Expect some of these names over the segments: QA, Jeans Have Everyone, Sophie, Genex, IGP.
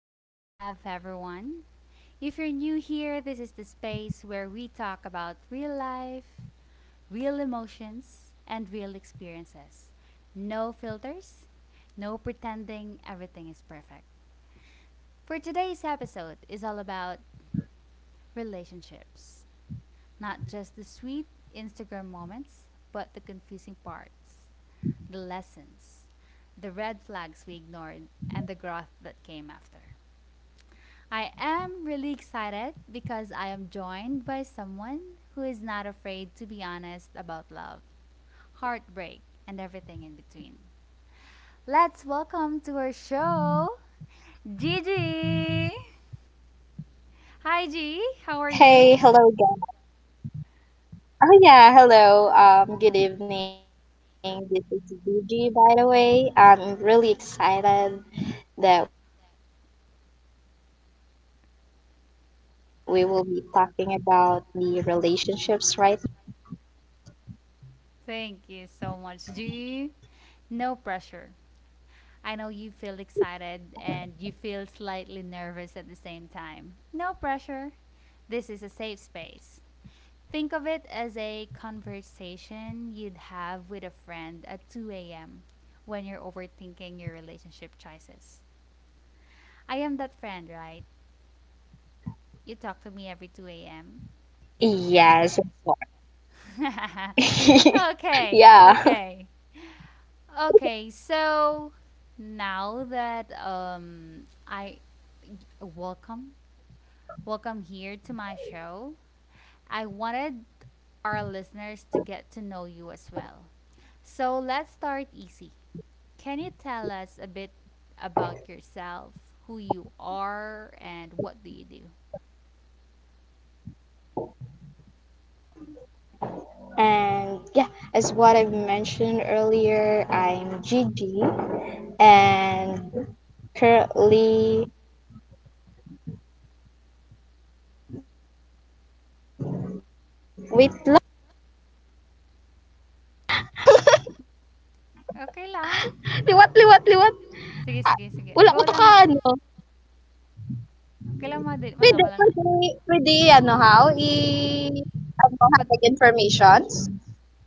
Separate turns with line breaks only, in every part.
Jeans Have Everyone. If you're new here, this is the space where we talk about real life, real emotions, and real experiences. No filters, no pretending everything is perfect. For today's episode is all about relationships. Not just the sweet Instagram moments, but the confusing parts, the lessons, the red flags we ignored, and the growth that came after. I am really excited because I am joined by someone who is not afraid to be honest about love, heartbreak, and everything in between. Let's welcome to our show, Gigi! Hi, G. How are you?
Hey, hello again. Oh yeah, hello. Good evening. This is Gigi, by the way. I'm really excited that we will be talking about the relationships right now. I'm kind of nervous, but
Thank you
that's
so
fine.
much, Do you? No pressure. I know you feel excited and you feel slightly nervous at the same time. No pressure. This is a safe space. Think of it as a conversation you'd have with a friend at 2 a.m. when you're overthinking your relationship choices. I am that friend, right? You talk to me every 2 a.m. Okay, okay.
Yes, of
Okay, so
course.
now
Yeah.
that I welcome welcome here to my show, I wanted our listeners to get to know you as well. So let's start easy. Can you tell us a bit about yourself, who you are, and what do you do?
And yeah, as what I've mentioned earlier, I'm Gigi, and currently, wait lang,
Okay lang.
wait lang,
Sige, sige, sige. Go lang.
liwat, liwat, liwat. Ah, wala ko
Kailan
to
ma di
ka,
man ako
ano?
na.
Pwede, pwede, pwede
Pad
ano how, I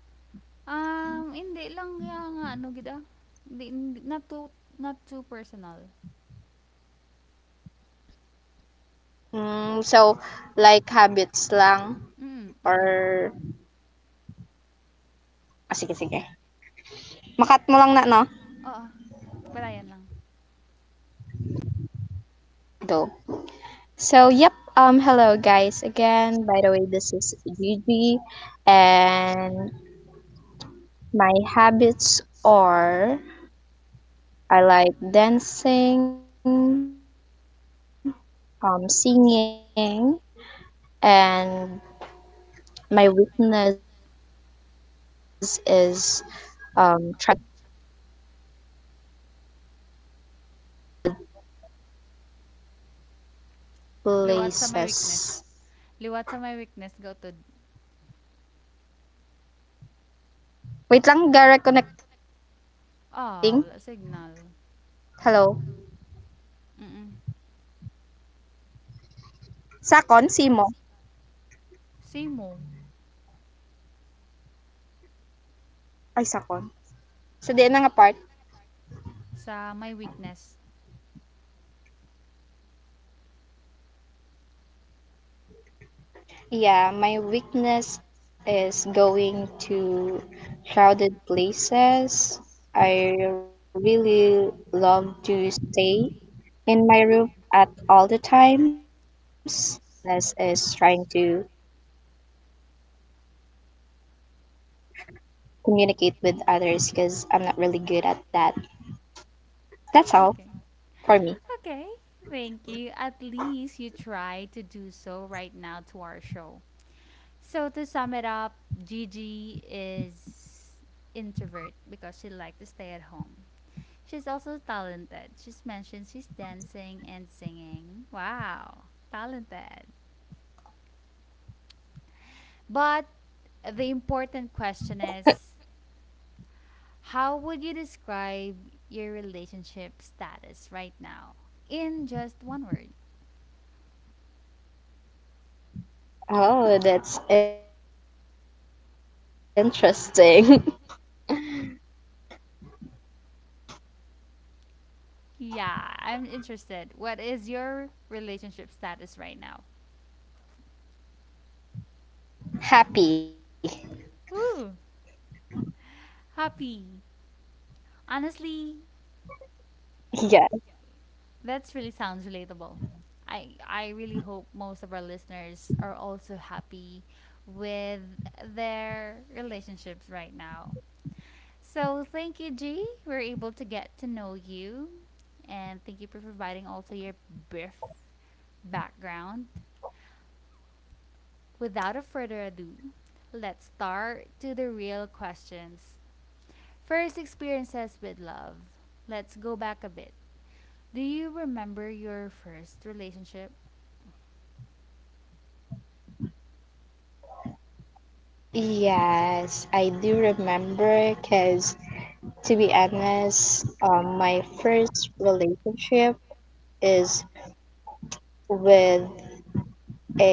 ano, habit informations.
hindi lang kaya nga ano gid ah. Hindi, hindi- not too not too personal.
Hmm, so, like
Mm, mm.
habits
Mm.
lang or, ah, sige, sige. Makat mo lang na,
Oo,
no?
palayan lang.
Go. So, yep. Hello guys again. By the way, this is Gigi and my habits are I like dancing, singing, and my weakness is trying to communicate with others. It's like draining my energy when it's crowded
Liwat sa my weakness.
places.
Liwat sa my weakness gautod.
Wait lang, gara connecting.
Ah, wala signal.
Hello.
Mm.
Sakon, Simo.
Same mo
Ay, Sakon. So, di na nga part.
sa my weakness.
Yeah, my weakness is going to crowded places. I really love to stay in my room at all the times. And yeah, as what I've mentioned earlier, my weakness is trying to communicate with others because I'm not really good at that. That's all
Okay.
for me.
Okay. Thank you. At least you try to do so right now to our show. So to sum it up, Gigi is introvert because she likes to stay at home. She's also talented. She's mentioned she's dancing and singing. Wow, talented. But the important question is, how would you describe your relationship status right now in just one word?
Oh, that's interesting.
Yeah, I'm interested. What is your relationship status right now?
Happy.
Ooh, happy. Honestly,
Yeah.
that's really sounds relatable. I really hope most of our listeners are also happy with their relationships right now. So thank you, G. We're able to get to know you, and thank you for providing also your brief background. Without a further ado, let's start to the real questions. First experiences with love. Let's go back a bit. Do you remember your first relationship?
Yes, I do remember because to be honest, my first relationship is with a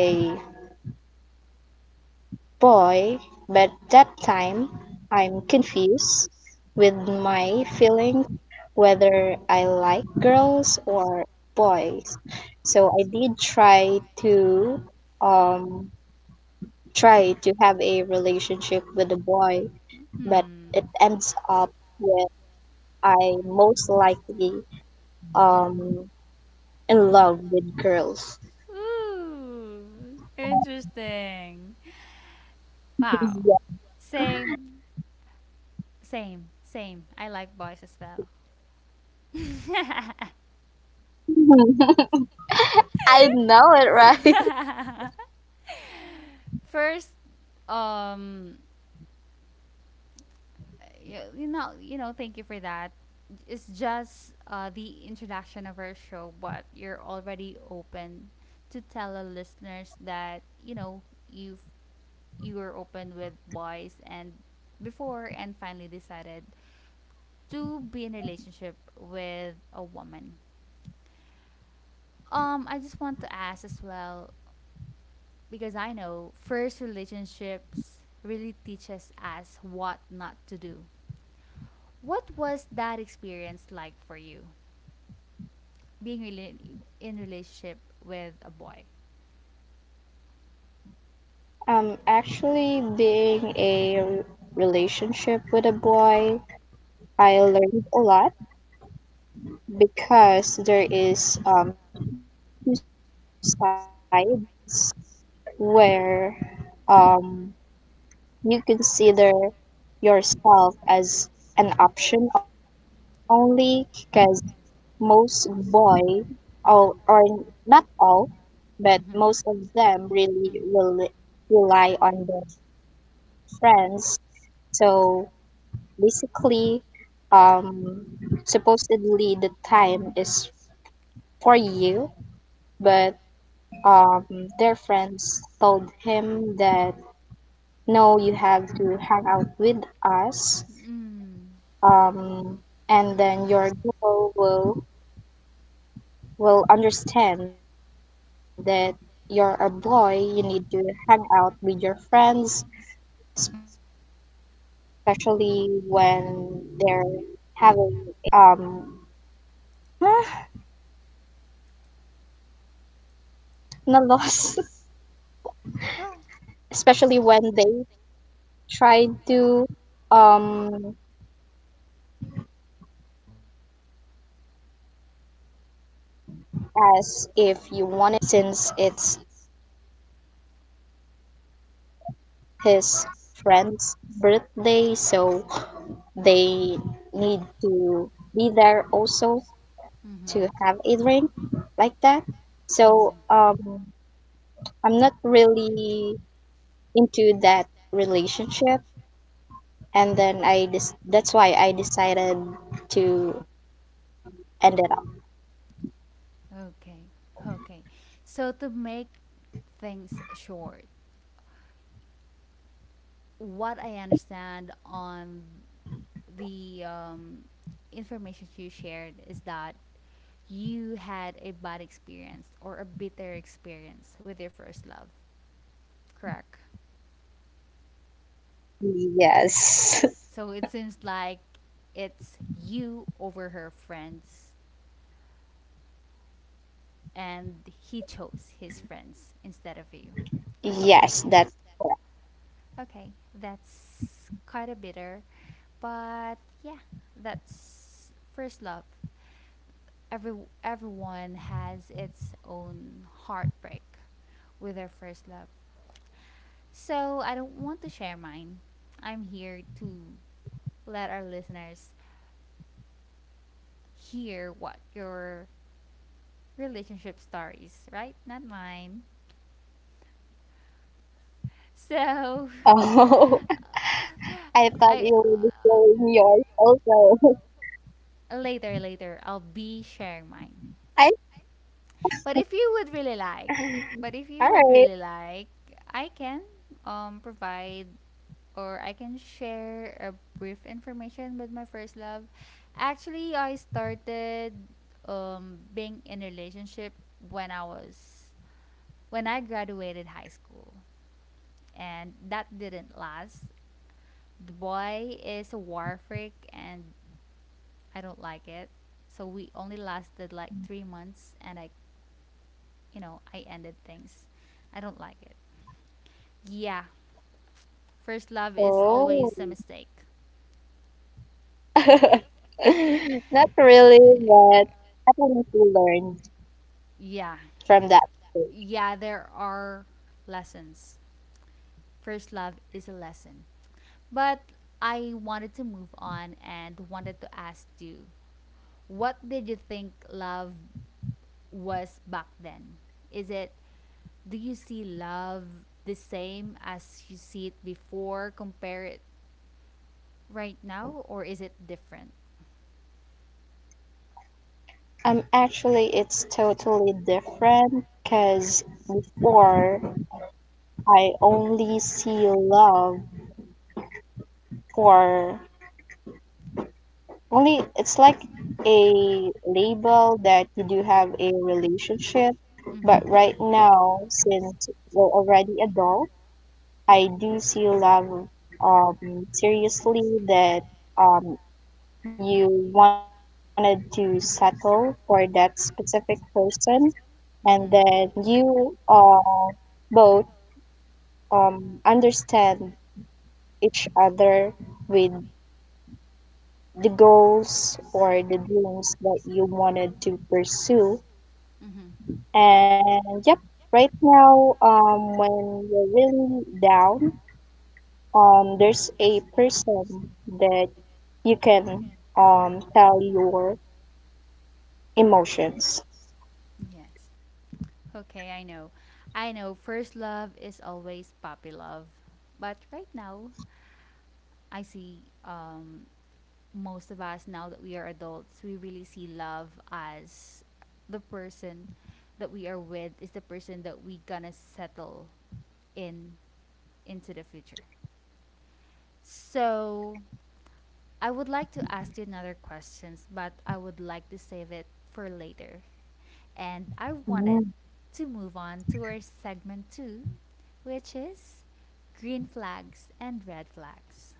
boy, but that time I'm confused with my feeling whether I like girls or boys. So I did try to um try to have a relationship with a boy, but it
Hmm.
ends up with I most likely um in love with girls.
Ooh, interesting. Wow.
Yeah.
Same, same, same. I like boys as well.
I know it, right?
First, um, thank you for that. It's just the introduction of our show, but you're already open to tell our listeners that you've you were open with boys and before and finally decided to be in a relationship with a woman. I just want to ask as well, because I know first relationships really teaches us what not to do. What was that experience like for you? Being really in relationship with a boy.
Actually being a relationship with a boy, I learned a lot because there is two sides where um you consider yourself as an option only because most boy all or not all but most of them really rely on their friends, so basically, um supposedly the time is for you, but um their friends told him that no, you have to hang out with
Mhm. Mhm.
us,
Mm.
um and then your girl will understand that you're a boy, you need to hang out with your friends, especially when they're having a best na loss, especially when they tried to um as if you wanted to play a basketball with them, or since it's his friend's birthday, so they need to be there also to have
Mm-hmm.
a drink like that. so
Mm-hmm.
um I'm not really into that relationship, and then that's why I decided to end it up.
Okay. Okay. So to make things short, what I understand on the information you shared is that you had a bad experience or a bitter experience with your first love, correct? So it
Yes,
seems like it's you over her friends and he chose his friends instead of you.
yes, that.
Okay, okay, that's quite a bitter, but yeah, that's first love. Every everyone has its own heartbreak with their first love. So I don't want to share mine. I'm here to let our listeners hear what your relationship stories, right? Not mine. So
Oh, I thought
I
you would be showing yours also.
later later I'll be sharing mine.
I
But if you would really like, but if you
all
would
right.
really like, I can provide, or I can share a brief information with my first love. Actually, I started being in a relationship when I was when I graduated high school. And that didn't last. The boy is a war freak and I don't like it. So we only lasted like 3 months and I ended things. I don't like it. Yeah, first love is
Oh,
always a mistake.
not really, but at least we learned
Yeah,
from that.
yeah, there are lessons. First love is a lesson. But I wanted to move on and wanted to ask you, what did you think love was back then? Is it do you see love the same as you see it before, compare it right now, or is it different?
Actually, it's totally different because before I only see love for only it's like a label that you do have a relationship,
Mm-hmm.
but right now since we're already adult, I do see love um seriously that um you wanted to settle for that specific person, and then
Mm-hmm.
you both understand each other with the goals or the dreams that you wanted to pursue.
Mm-hmm.
And yep, right now, when you're really down, there's a person that you can tell your emotions.
Yes. Okay, I know. I know first love is always puppy love. But right now, I see most of us now that we are adults, we really see love as the person that we are with is the person that we gonna settle in into the future. So I would like to ask you another questions, but I would like to save it for later. And I wanted
Mm.
to move on to our segment two, which is green flags and red flags.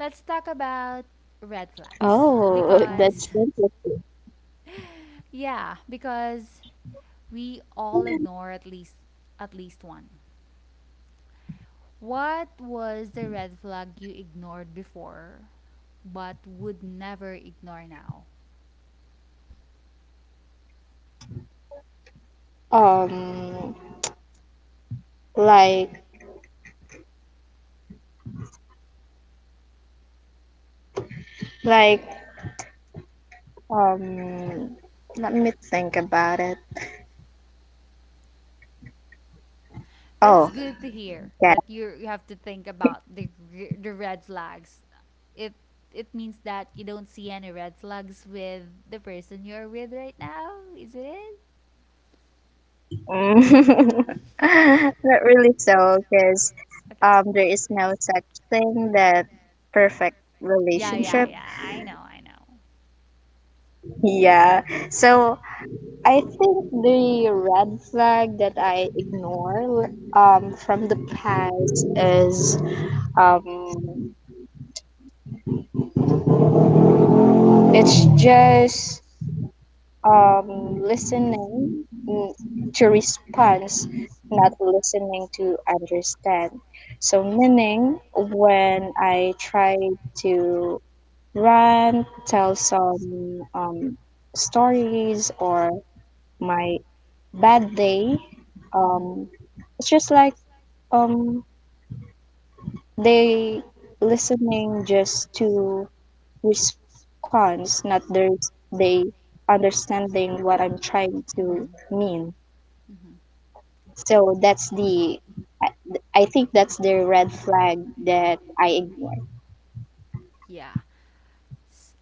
Let's talk about
that's
red
interesting.
flags because yeah, because we all ignore at least one. What was the red flag you ignored before but would never ignore now?
Um, like, like, um, let me think about it. Oh,
That's good to hear
yeah.
that you have to think about the the red flags. It it means that you don't see any red flags with the person you're with right now, is it?
Mm. Not really so, because
Okay.
there is no such thing that perfect
Yeah, yeah,
relationship.
yeah. I know, I know.
Yeah. So I think the red flag that I ignore from the past is um, it's just listening to response, not listening to understand. So meaning when I try to run tell some stories or my bad day, um
Hmm.
it's just like um they listening just to response, not there's they understanding what I'm trying
Hmm.
to mean.
Hmm.
So that's the I think that's the red flag that I ignore.
Yeah. S-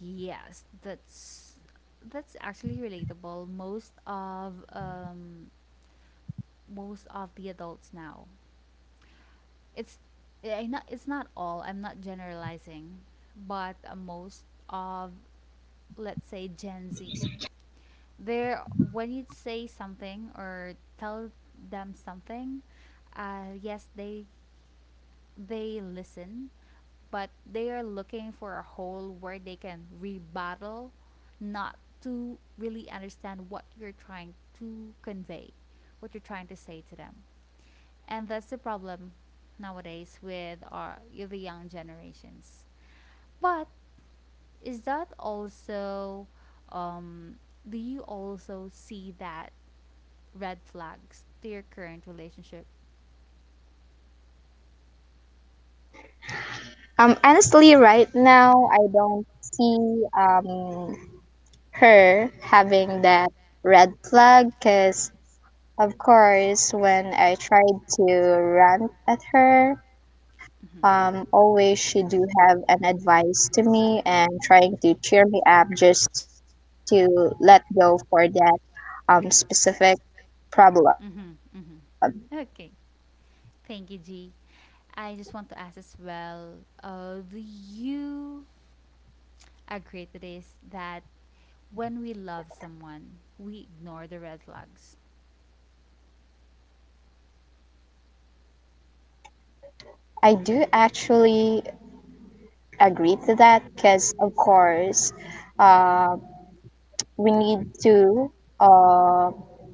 yes, that's actually relatable. Most of the adults now. It's it's not all. I'm not generalizing, but most of, let's say, Gen Z. They're when you say something or tell them something, yes, they listen, but they are looking for a hole where they can rebuttal, not to really understand what you're trying to convey, what you're trying to say to them, and that's the problem nowadays with our the young generations. But Is that also, um, do you also see that red flags to your current relationship?
Honestly, right now I don't see um her having that red flag because of course when I tried to rant at her,
Mm-hmm.
always she do have an advice to me and trying to cheer me up just to let go for that specific problem.
Mm-hmm. Mm-hmm. Okay. Thank you, G. I just want to ask as well, do you agree to this that when we love someone, we ignore the red flags?
I do actually agree to that because of course uh, we need to uh,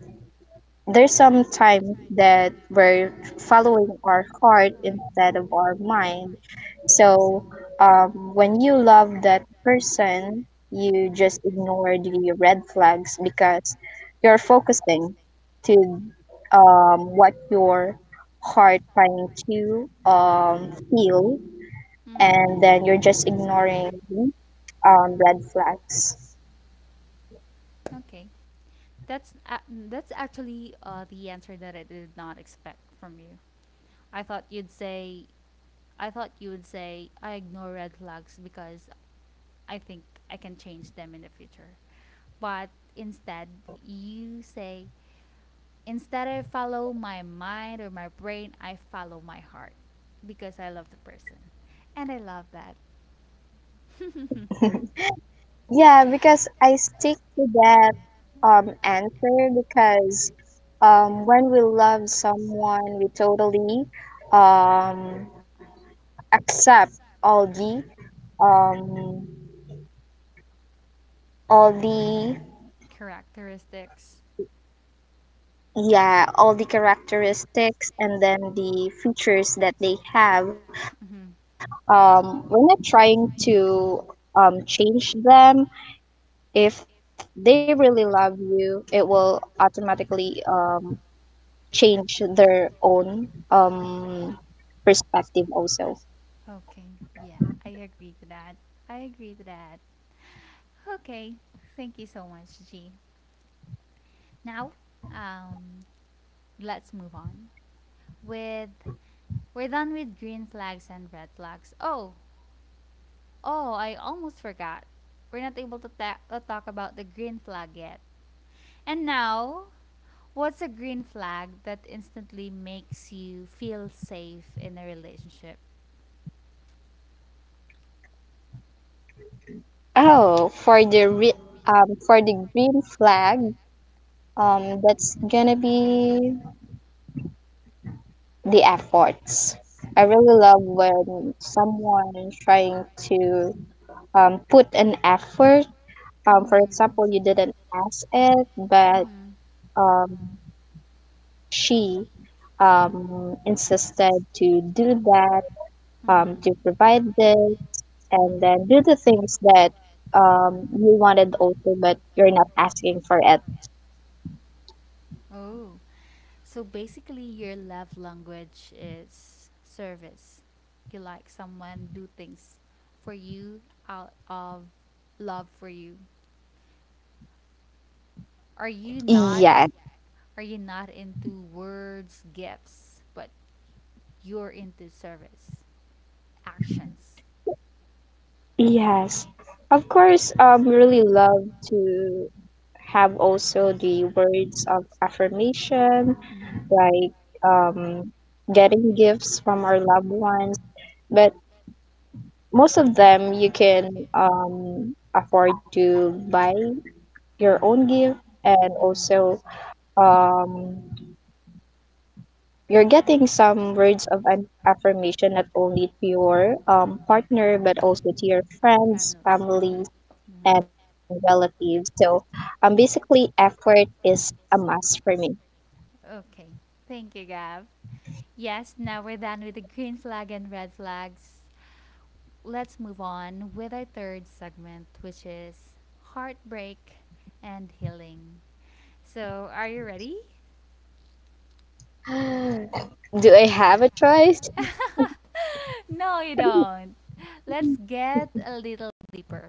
there's some time that we're following our heart instead of our mind. So um, when you love that person, you just ignore the red flags because you're focusing to what your heart trying to feel,
Hmm.
and then you're just ignoring red flags.
Okay. That's a that's actually the answer that I did not expect from you. I thought you'd say, I thought you would say, I ignore red flags because I think I can change them in the future. But instead, you say, instead I follow my mind or my brain, I follow my heart because I love the person. And I love that.
Yeah, because I stick to that answer because when we love someone we totally um accept all the um all the
Characteristics.
yeah all the characteristics, and then the features that they have.
Hmm.
We're not trying to change them. If they really love you, it will automatically change their own perspective also.
Okay, yeah, I agree to that. I agree to that. Okay, thank you so much, G. Now, um, let's move on with, we're done with green flags and red flags. Oh, oh, I almost forgot. We're not able to talk about the green flag yet. And now, what's a green flag that instantly makes you feel safe in a relationship?
Oh, for the green flag, that's gonna be the efforts. I really love when someone is trying to put an effort. For
Mm-hmm.
example, you didn't ask it, but
Mm-hmm.
um, she insisted to do that,
Mm-hmm.
to provide this, and
Mm-hmm.
then do the things that you wanted also, but you're not asking for it.
Oh, so basically, your love language is service. You like someone do things for you out of love for you. Are you not
Yes.
into words, gifts, but you're into service, actions.
Yes, of course. Really love to have also the words of affirmation,
Hmm.
like um, getting gifts from our loved ones. But most of them you can afford to buy your
Mm-hmm.
own gift, and
Mm-hmm.
also um you're getting some words of an affirmation not only to your partner but also to your friends,
Family.
family,
Mm-hmm.
and
Mm-hmm.
relatives. So basically, effort is a must for me.
Okay. Thank you, Gav. Yes, now we're done with the green flag and red flags. Let's move on with our third segment, which is heartbreak and healing. So, are you ready?
Do I have a choice?
No, you don't. Let's get a little deeper.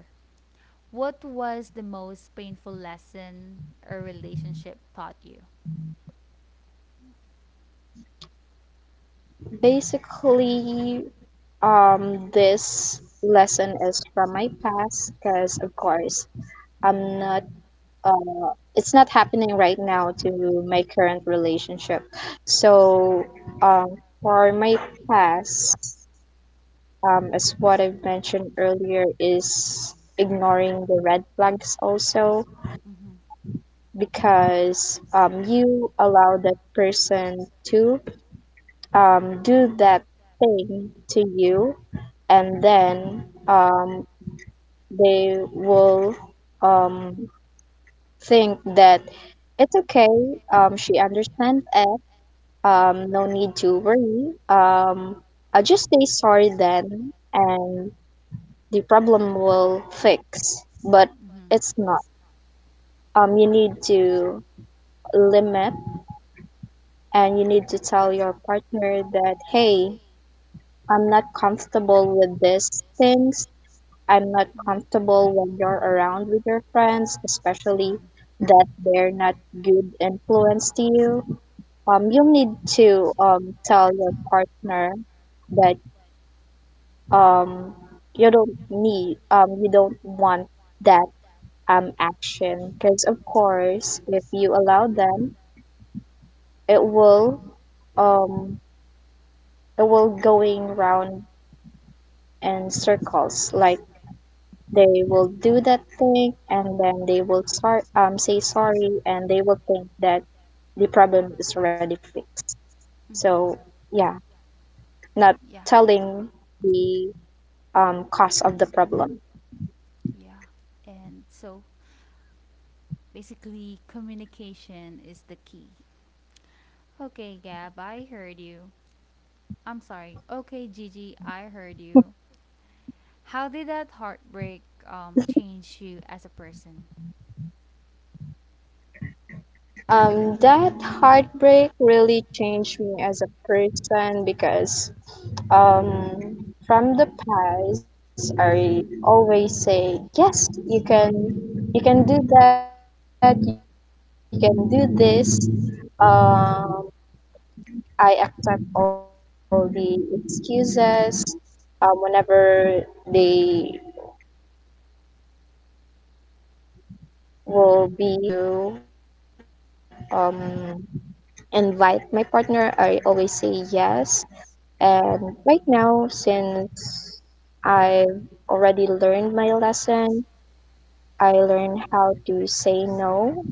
What was the most painful lesson a relationship taught you?
Basically, this lesson is from my past because, of course, I'm
Yeah.
not. It's not happening right now to my current relationship. So, um, for my past, as what I've mentioned earlier, is ignoring the red flags also
Mm-hmm.
because you allow that person to do that thing to you, and then they will um, think that it's okay, she understands it, no need to worry, I just say sorry then and the problem will fix, but it's not. You need to limit and you need to tell your partner that hey, I'm not comfortable with these things, I'm not comfortable when you're around with your friends, especially
Mhm.
that they're not good influence to you. You'll need to tell your partner that um you don't need you don't want that action, because of course if you allow them it will um it will going round in circles. Like they will do that thing and then they will start say sorry and they will think that the problem is already fixed.
Mhm. Mhm. Mhm.
So yeah, not
Yeah.
telling the cause of the problem.
Yeah. And so basically communication is the key. Okay, Gab, I heard you. I'm sorry. Okay, Gigi, I heard you. How did that heartbreak change you as a person?
That heartbreak really changed me as a person because from the past I always say yes, you can do that, you can do this, um, I accept all the excuses whenever they will be um, or they will try to invite my partner, I always say yes. And right now, since I've already learned my lesson, I learned how to say no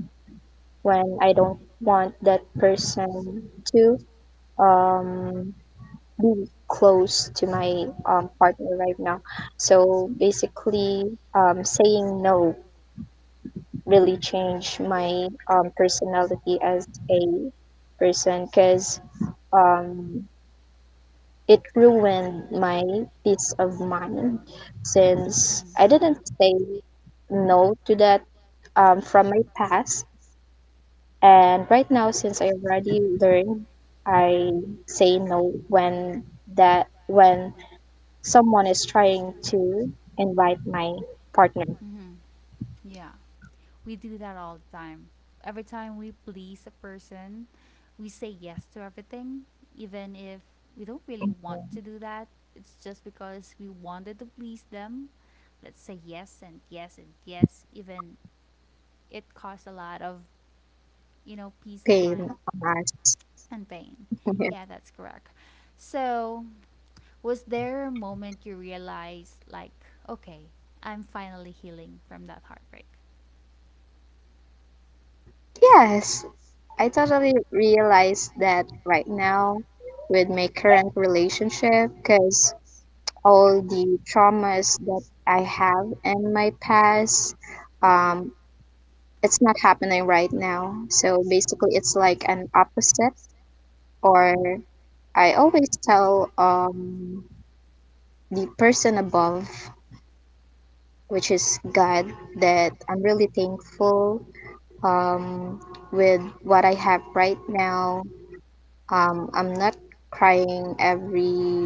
when I don't want that person to um, be close to my partner right now. So basically, saying no really changed my personality as a person because um, it ruined my peace of mind since
Mhm.
I didn't say no to that from my past. And right now, since I already learned, I say no when that when someone is trying to invite my partner.
Mm-hmm. Yeah, we do that all the time. Every time we please a person, we say yes to everything, even if we don't really want to do that. It's just because we wanted to please them. Let's say yes and yes and yes, even it costs a lot of peace of
Pain
mind
on us.
and pain. Yeah, that's correct. So, was there a moment you realized, like, okay, I'm finally healing from that heartbreak?
Yes, I totally realize that right now with my current relationship, because all the traumas that I have in my past. Um, it's not happening right now. So basically, it's like an opposite, or I always tell the person above, which is God, that I'm really thankful um, with what I have right now. I'm not crying every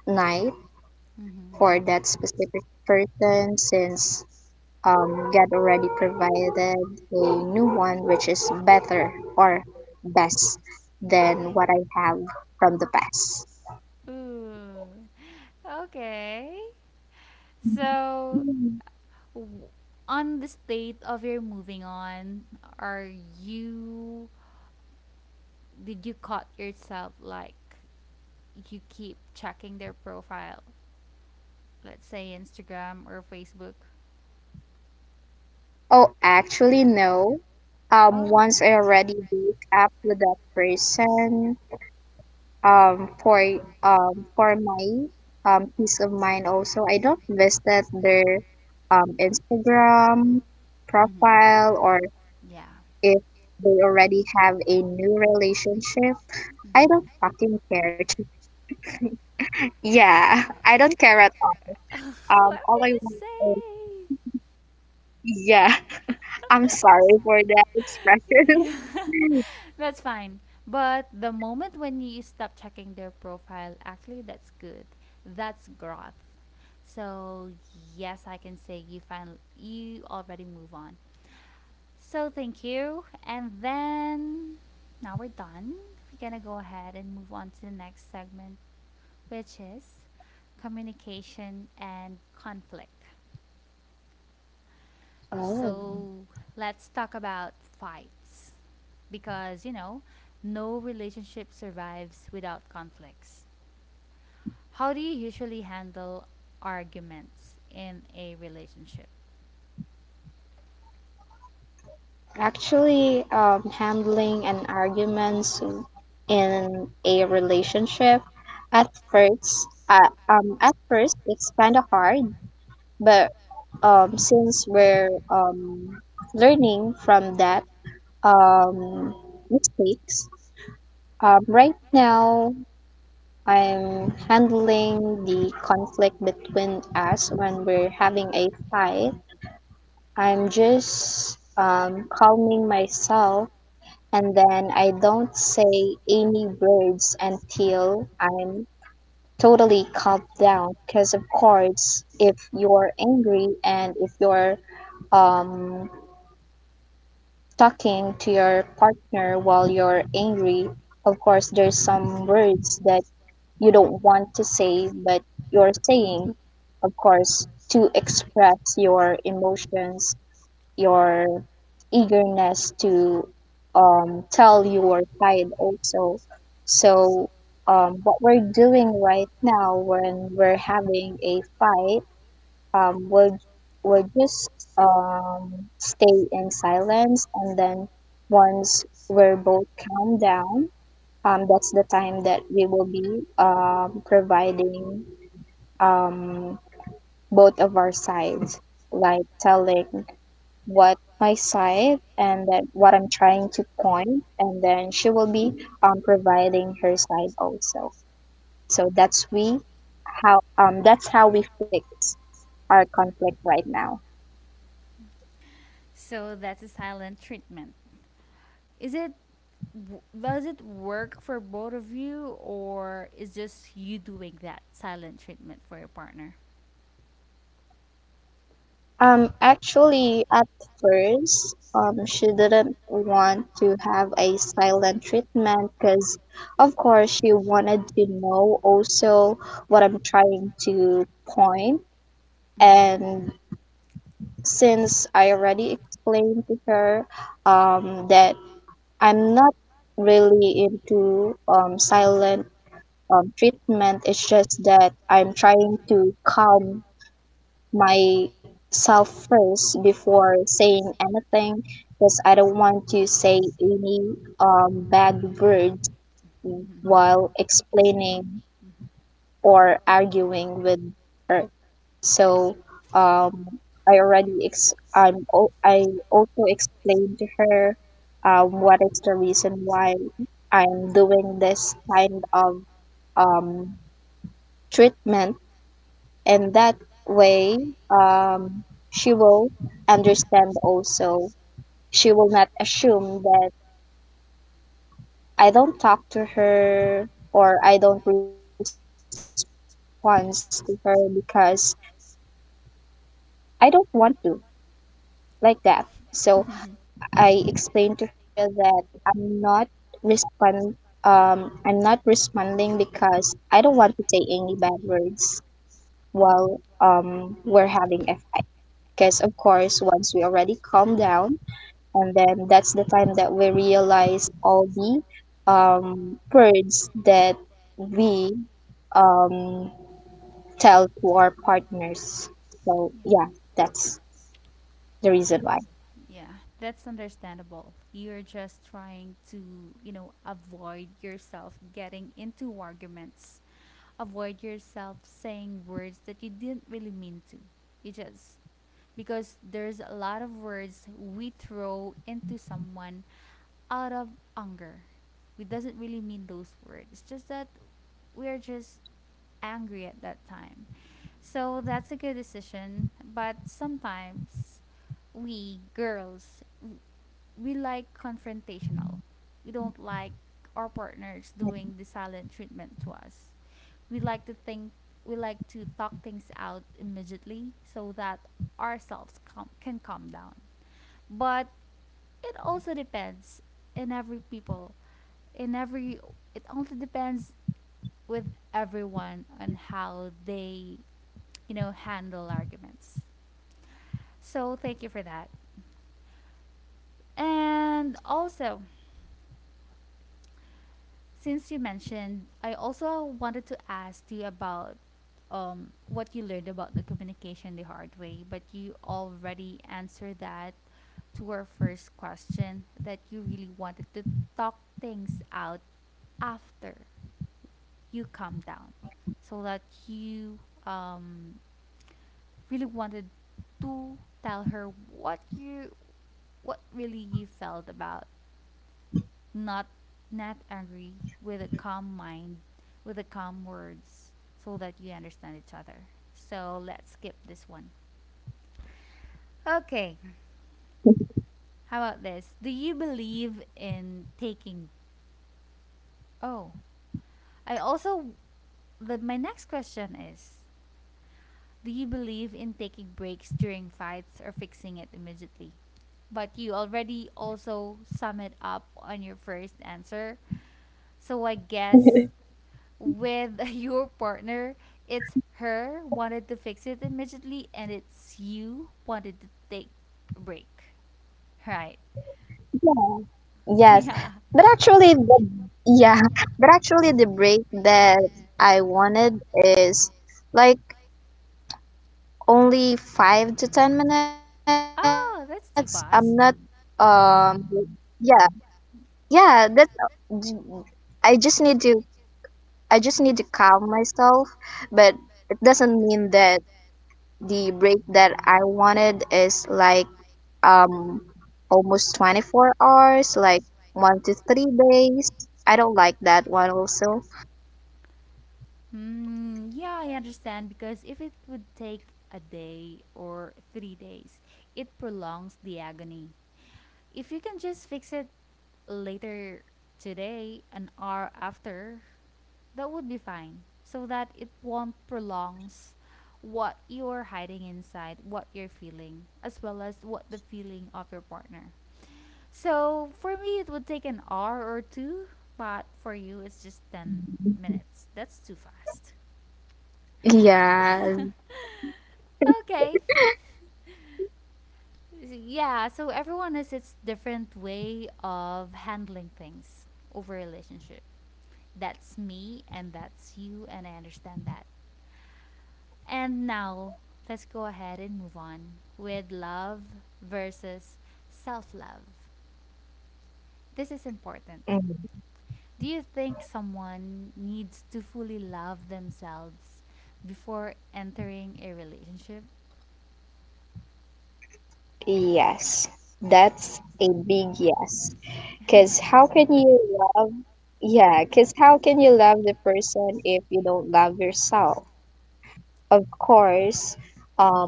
night for
Mm-hmm.
that specific person since God already provided a new one which is better or best than what I have from the past.
Ooh. Okay. So, w- on the state of your moving on, are you did you caught yourself, like, you keep checking their profile, let's say Instagram or Facebook?
Oh, actually, no.
Oh.
Once I already wake up with that person, um, for for my peace of mind also, I don't visit their Instagram
Mm-hmm.
profile or
Yeah.
if they already have a new relationship.
Mm-hmm.
I don't fucking care. To, yeah, I don't care at all.
What
All
did
I
you
want is
say?
yeah. I'm sorry for that expression.
Yeah. That's fine. But the moment when you stop checking their profile, actually, that's good. That's growth. So, yes, I can say you finally, you already move on. So, thank you. And then, now we're done. We're gonna go ahead and move on to the next segment, which is communication and conflict.
Oh,
So let's talk about fights. Because no relationship survives without conflicts. How do you usually handle arguments in a relationship?
actually, handling an arguments in a relationship at first, uh, at first it's kind of hard, but since we're learning from that um, mistakes, right now I'm handling the conflict between us when we're having a fight. I'm just calming myself and then I don't say any words until I'm totally calmed down. Because, of course, if you're angry and if you're um, talking to your partner while you're angry, of course, there's some words that you don't want to say but you're saying of course to express your emotions your eagerness to tell your side also. So what we're doing right now when we're having a fight, um, we'll we'll just um, stay in silence, and then once we're both calmed down, that's the time that we will be providing um, both of our sides, like telling what my side and that what I'm trying to point, and then she will be providing her side also. So that's we that's how we fix our conflict right now.
So that's a silent treatment. Is it does it work for both of you, or is just you doing that silent treatment for your partner?
Actually, at first, she didn't want to have a silent treatment because, of course, she wanted to know also what I'm trying to point.
Mhm.
And since I already explained to her, that I'm not really into silent treatment, it's just that I'm trying to calm myself first before saying anything because I don't want to say any bad words
Mhm.
while explaining
Mhm. Mhm.
or arguing with her. So um, I already ex- I'm al- I also explained to her what is the reason why I'm doing this kind of um, treatment, and that way um, she will understand also. She will not assume that I don't talk to her or I don't respond to her because I don't want to, like that. So I
Mhm.
explained to her that i'm not respond I'm not responding because I don't want to say any bad words while
Yeah.
we're having a fight, because of course once we already calm down, and then that's the time that we realize all the words that we um, tell to our partners. So yeah, that's the reason why.
Yeah, that's understandable. You're just trying to, avoid yourself getting into arguments, avoid yourself saying words that you didn't really mean to. You just, because there's a lot of words we throw into someone out of anger. We doesn't really mean those words. It's just that we're just angry at that time. So that's a good decision, but sometimes we girls, we like confrontational. We don't like our partners doing the silent treatment to us. We like to think, we like to talk things out immediately so that ourselves calm, can calm down. But it also depends in every people, in every, it also depends with everyone on how they, handle arguments. So thank you for that. And also, since you mentioned, I also wanted to ask you about what you learned about the communication the hard way, but you already answered that to our first question, that you really wanted to talk things out after you calm down, so that you, um, really wanted to tell her what you, what really you felt about, not, not angry, with a calm mind, with a calm words, so that you understand each other. So let's skip this one. Okay, how about this, do you believe in taking, oh, I also, my next question is, do you believe in taking breaks during fights or fixing it immediately? But you already also sum it up on your first answer, so I guess
Yeah.
with your partner, it's her wanted to fix it immediately and it's you wanted to take a break. Right.
Yes,
Yeah.
but actually the yeah, but actually the break that I wanted is like only 5 to 10 minutes. I'm not
Oh, that's too
um
fast.
yeah. Yeah That's. I just need to I just need to calm myself, but it doesn't mean that the break that I wanted is like um almost 24 hours, like 1 to 3 days. I don't like that one also.
Hmm, yeah, I understand, because if it would take a day or 3 days, it prolongs the agony. If you can just fix it later today, an hour after, that would be fine, so that it won't prolongs what you're hiding inside, what you're feeling, as well as what the feeling of your partner. So for me, it would take an hour or two, but for you, it's just 10 minutes. That's too fast.
Yeah.
Okay. Yeah, so everyone has its different way of handling things over relationship. That's me and that's you, and I understand that. And now let's go ahead and move on with love versus self-love. This is important.
Mm.
Do you think someone needs to fully love themselves before entering a relationship?
Yes. That's a big yes. Cuz how
Because
can
how
you
can you love,
love Yeah,
yeah,
cuz how
because
can
how
you
can you
love the
love the
person
person
if you
if
don't
you don't
love
love
yourself?
yourself? So
Of course, um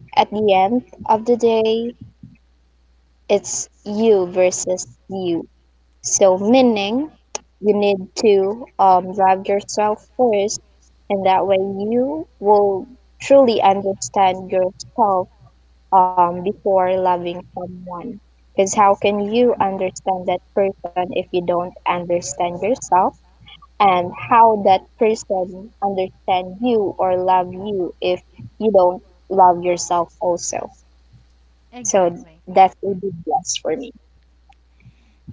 at the end of the day, it's you versus you. So, meaning you need to drive yourself first, and that way you will truly understand yourself before loving someone. Because how can you understand that person if you don't understand yourself? And how that person understand you or love you if you don't love yourself also? So
exactly,
that
that
will
would
be
be
blessed for me.
impossible.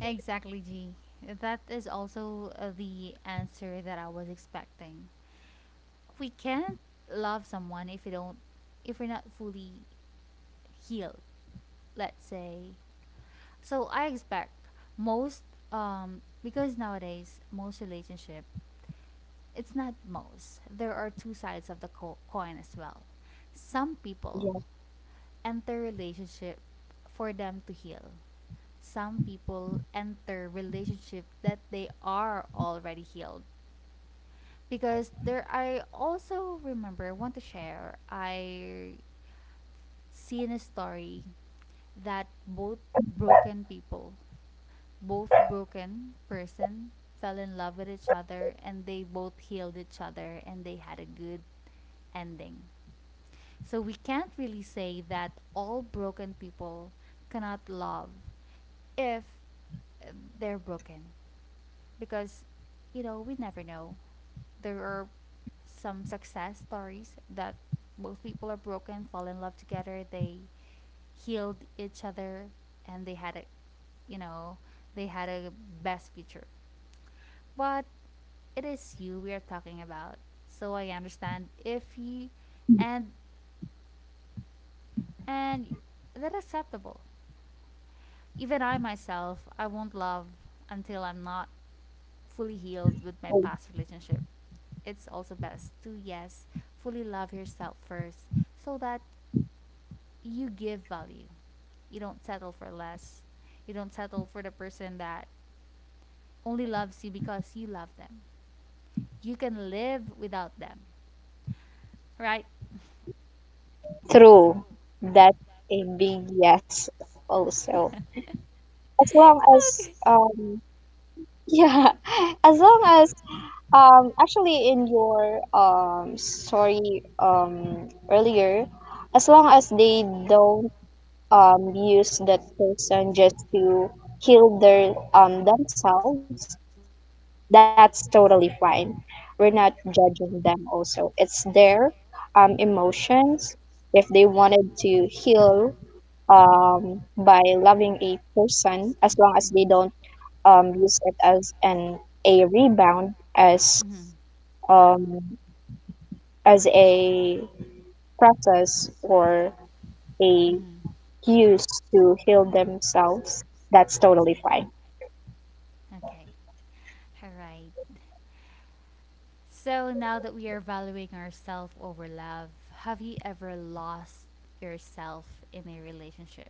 Exactly, G. That is also the answer that I was expecting. We can't love someone if we don't, if we're not fully healed. Let's say. So I expect most, because nowadays most relationship, it's not most. There are two sides of the coin as well. Some people
Yeah.
enter relationship for them to heal. Some people enter relationship that they are already healed. Because there, I also remember, I want to share, I seen a story that both broken people, both broken person fell in love with each other and they both healed each other and they had a good ending. So we can't really say that all broken people cannot love if, uh, they're broken, because we never know. There are some success stories that both people are broken, fall in love together, they healed each other and they had a, you know they had a best future. But it is you we are talking about, so I understand if you, and and that's acceptable. Even I myself, I won't love until I'm not fully healed with my past relationship. It's also best to, yes, fully love yourself first, so that you give value. You don't settle for less. You don't settle for the person that only loves you because you love them. You can live without them, right?
True. That's a big yes also. As long as
Okay.
yeah, as long as actually in your story earlier, as long as they don't use that person just to heal their themselves, that's totally fine. We're not judging them also. It's their emotions. If they wanted to heal by loving a person, as long as
Mhm. Do.
they don't use it as an a rebound, as
Mhm.
um a process or a
Mm,
use to heal themselves, that's totally fine.
okay. All right. So now that we are valuing ourselves over love, have you ever lost yourself in a relationship?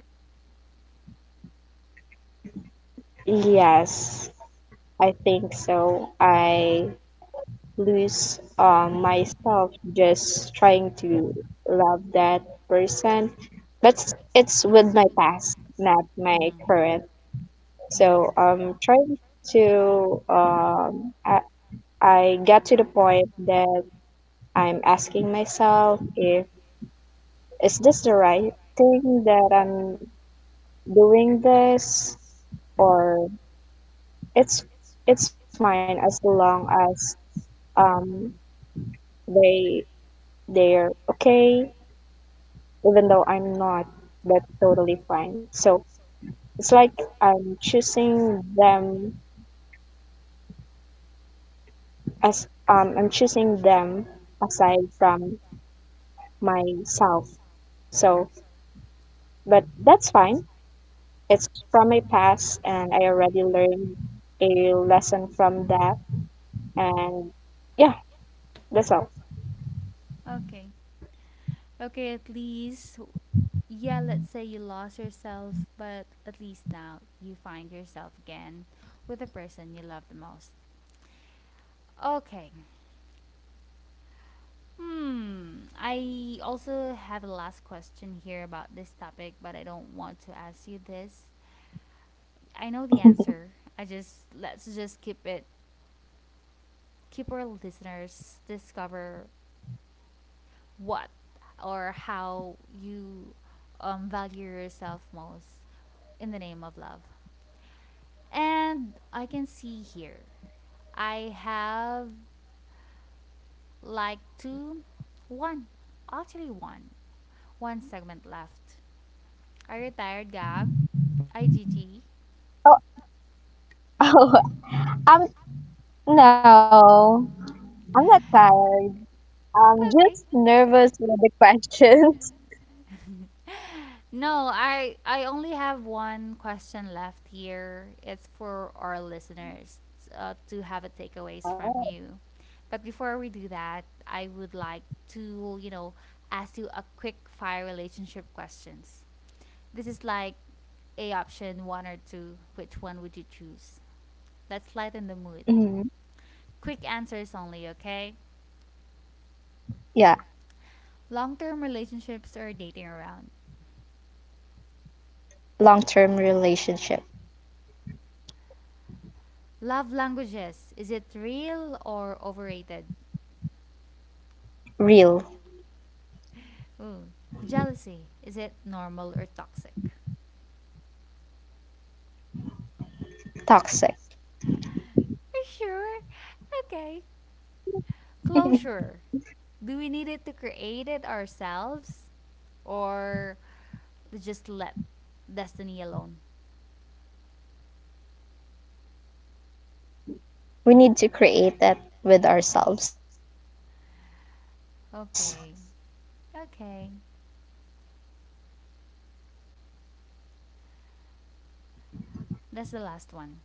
Yes, I think so. I lose myself just trying to love that person, but it's with my past, not my
Mm-hmm.
current.
Mm-hmm.
So to. Um, I, I got to the point that I'm asking myself if is this the right thing that I'm doing this, or it's it's fine as long as um they they're okay even though I'm not, but totally fine. So it's like I'm choosing them as I'm choosing them aside from myself. So but that's fine. It's from my past and I already learned a lesson from that. And yeah, that's all.
Okay. Okay, at least, yeah, let's say you lost yourself, but at least now you find yourself again with the person you love the most. Okay. Hmm. I also have a last question here about this topic, but I don't want to ask you this. I know the answer. I just, let's just keep it, keep our listeners discover what or how you, value yourself most in the name of love. And I can see here I have like two, one, actually one, one segment left. I retired Gab. IGG.
Oh, um, no. I'm not tired. I'm
Okay.
just
No, I only have one question left here. It's for our listeners to have a takeaways from
inside.
you. But before we do that, I would like to, ask you a quick fire relationship questions. This is like a option one or two. Which one would you choose? Let's lighten the mood.
Mhm.
Quick answers only, okay?
Yeah,
Long term relationships or dating around.
long term relationship.
Love languages, is it real or overrated?
Real,
Ooh, jealousy, is it normal or toxic?
toxic.
Are you sure? Okay. Closure, do we need it to create it ourselves or just let destiny alone?
We need to create that with ourselves.
Okay. Okay. That's the last one.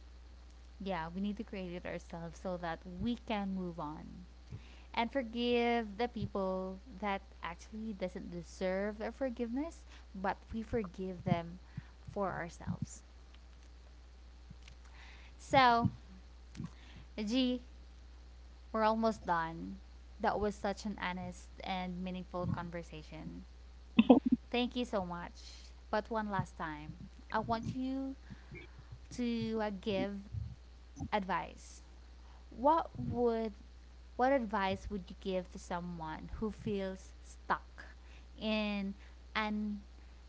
Yeah, we need to create it ourselves so that we can move on, and forgive the people that actually
Mm.
doesn't deserve their forgiveness, but we forgive them for ourselves. So, G, we're almost done. That was such an honest and meaningful conversation. Thank you so much. But one last time, I want you to, give advice. What would, what advice would you give to someone who feels stuck in an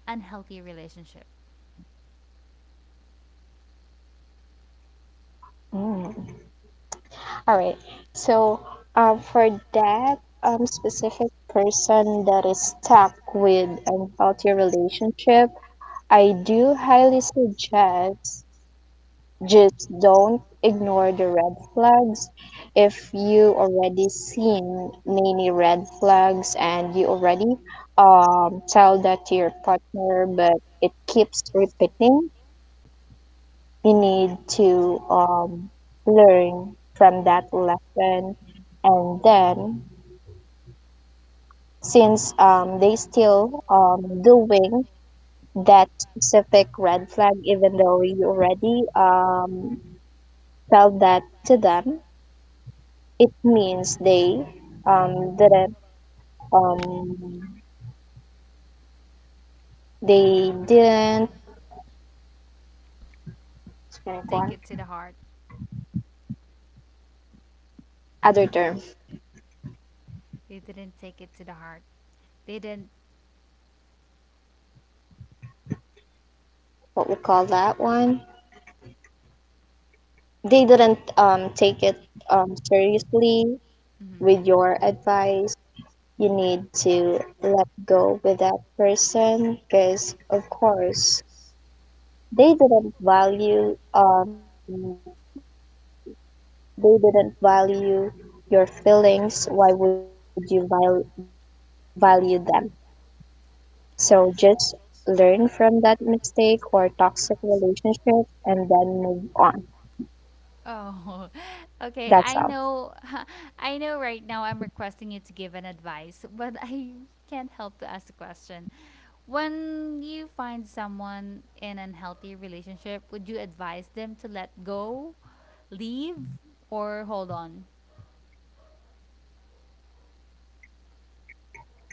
unhealthy relationship?
Mm. All right. So, for that specific person that is stuck with unhealthy relationship, I do highly suggest just don't ignore the red flags. If you already seen many red flags and you already tell that to your partner, but it keeps repeating, you
Mhm.
need to learn from that lesson. And then since they still doing that specific red flag even though you already tell that to them, it means they didn't um, they didn't,
Take it to the heart.
other term,
They didn't take it to the heart. They didn't.
what we call that one, they didn't take it seriously
Mm-hmm.
with your advice. You
Mm-hmm.
need to let go with that person because of course they didn't value they didn't value your feelings. Why would you value them? So just learn from that mistake or toxic relationship and then move on. That's
Oh,
all.
okay. I know, I know right now I'm requesting you to give an advice, but I can't help to ask the question. When you find someone in an healthy relationship, would you advise them to let go, leave, or hold on?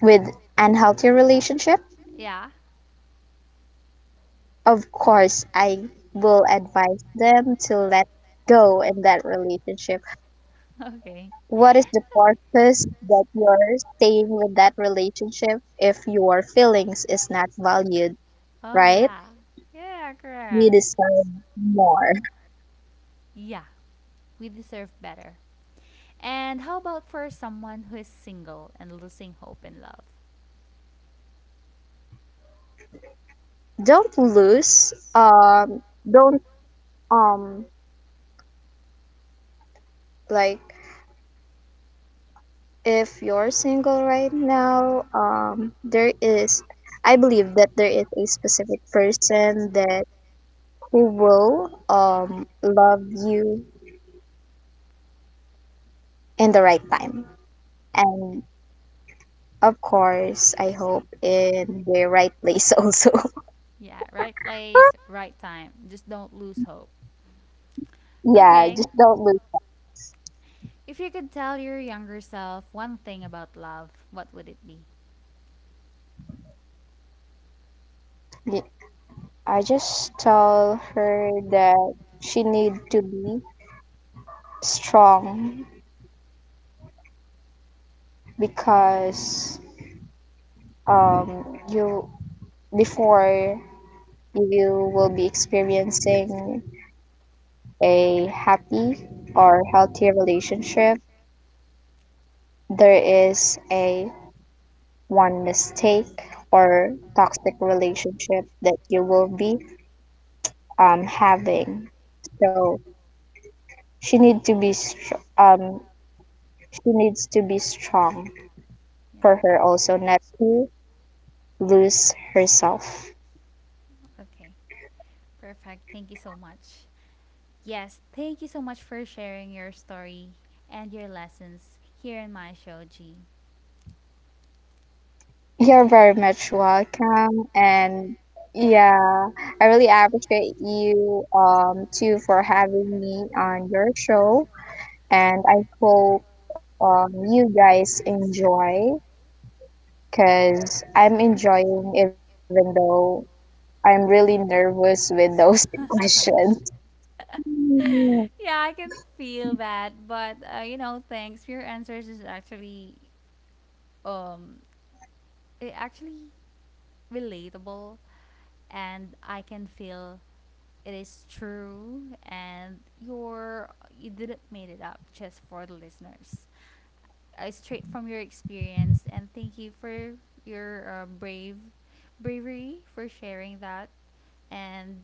With unhealthy relationship,
Yeah.
of course I will advise them to let go in that relationship.
Okay.
What is the
Okay.
purpose that you're staying with that relationship if your feelings is not valued,
Oh,
right?
yeah. Yeah,
You
correct.
deserve more.
Yeah, we deserve better. And how about for someone who is single and losing hope in love?
Don't lose. Don't um like If you're single right now, there is, I believe that there is a specific person that who will love you in the right time. And of course, I hope in the right place also.
Yeah, right place, right time. Just don't lose hope.
Yeah,
Okay.
just don't lose.
If you could tell your younger self one thing about love, what would it be?
Me. I just tell her that she need to be strong because you, before you will be experiencing a happy or healthy relationship, there is a one mistake or toxic relationship that you will be having. So She need to be str- um she needs to be strong
Yeah.
for her also, not to lose herself.
Okay. Perfect. Thank you so much. Yes, thank you so much for sharing your story and your lessons here in my show, G.
You're very much welcome and yeah, I really appreciate you too for having me on your show, and I hope you guys enjoy because I'm enjoying even though I'm really nervous with those questions.
Yeah, I can feel that, but you know, thanks. Your answers is actually, um actually relatable, and I can feel it is true, and you're, you didn't made it up just for the listeners. I straight from your experience, and thank you for your, brave, bravery for sharing that. And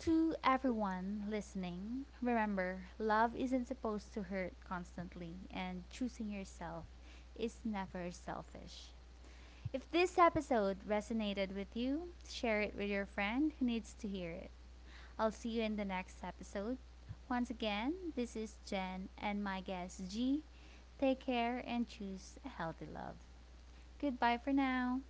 to everyone listening, remember, love isn't supposed to hurt constantly, and choosing yourself is never selfish. If this episode resonated with you, share it with your friend who needs to hear it. I'll see you in the next episode. Once again, this is Jen and my guest G. Take care and choose a healthy love. Goodbye for now.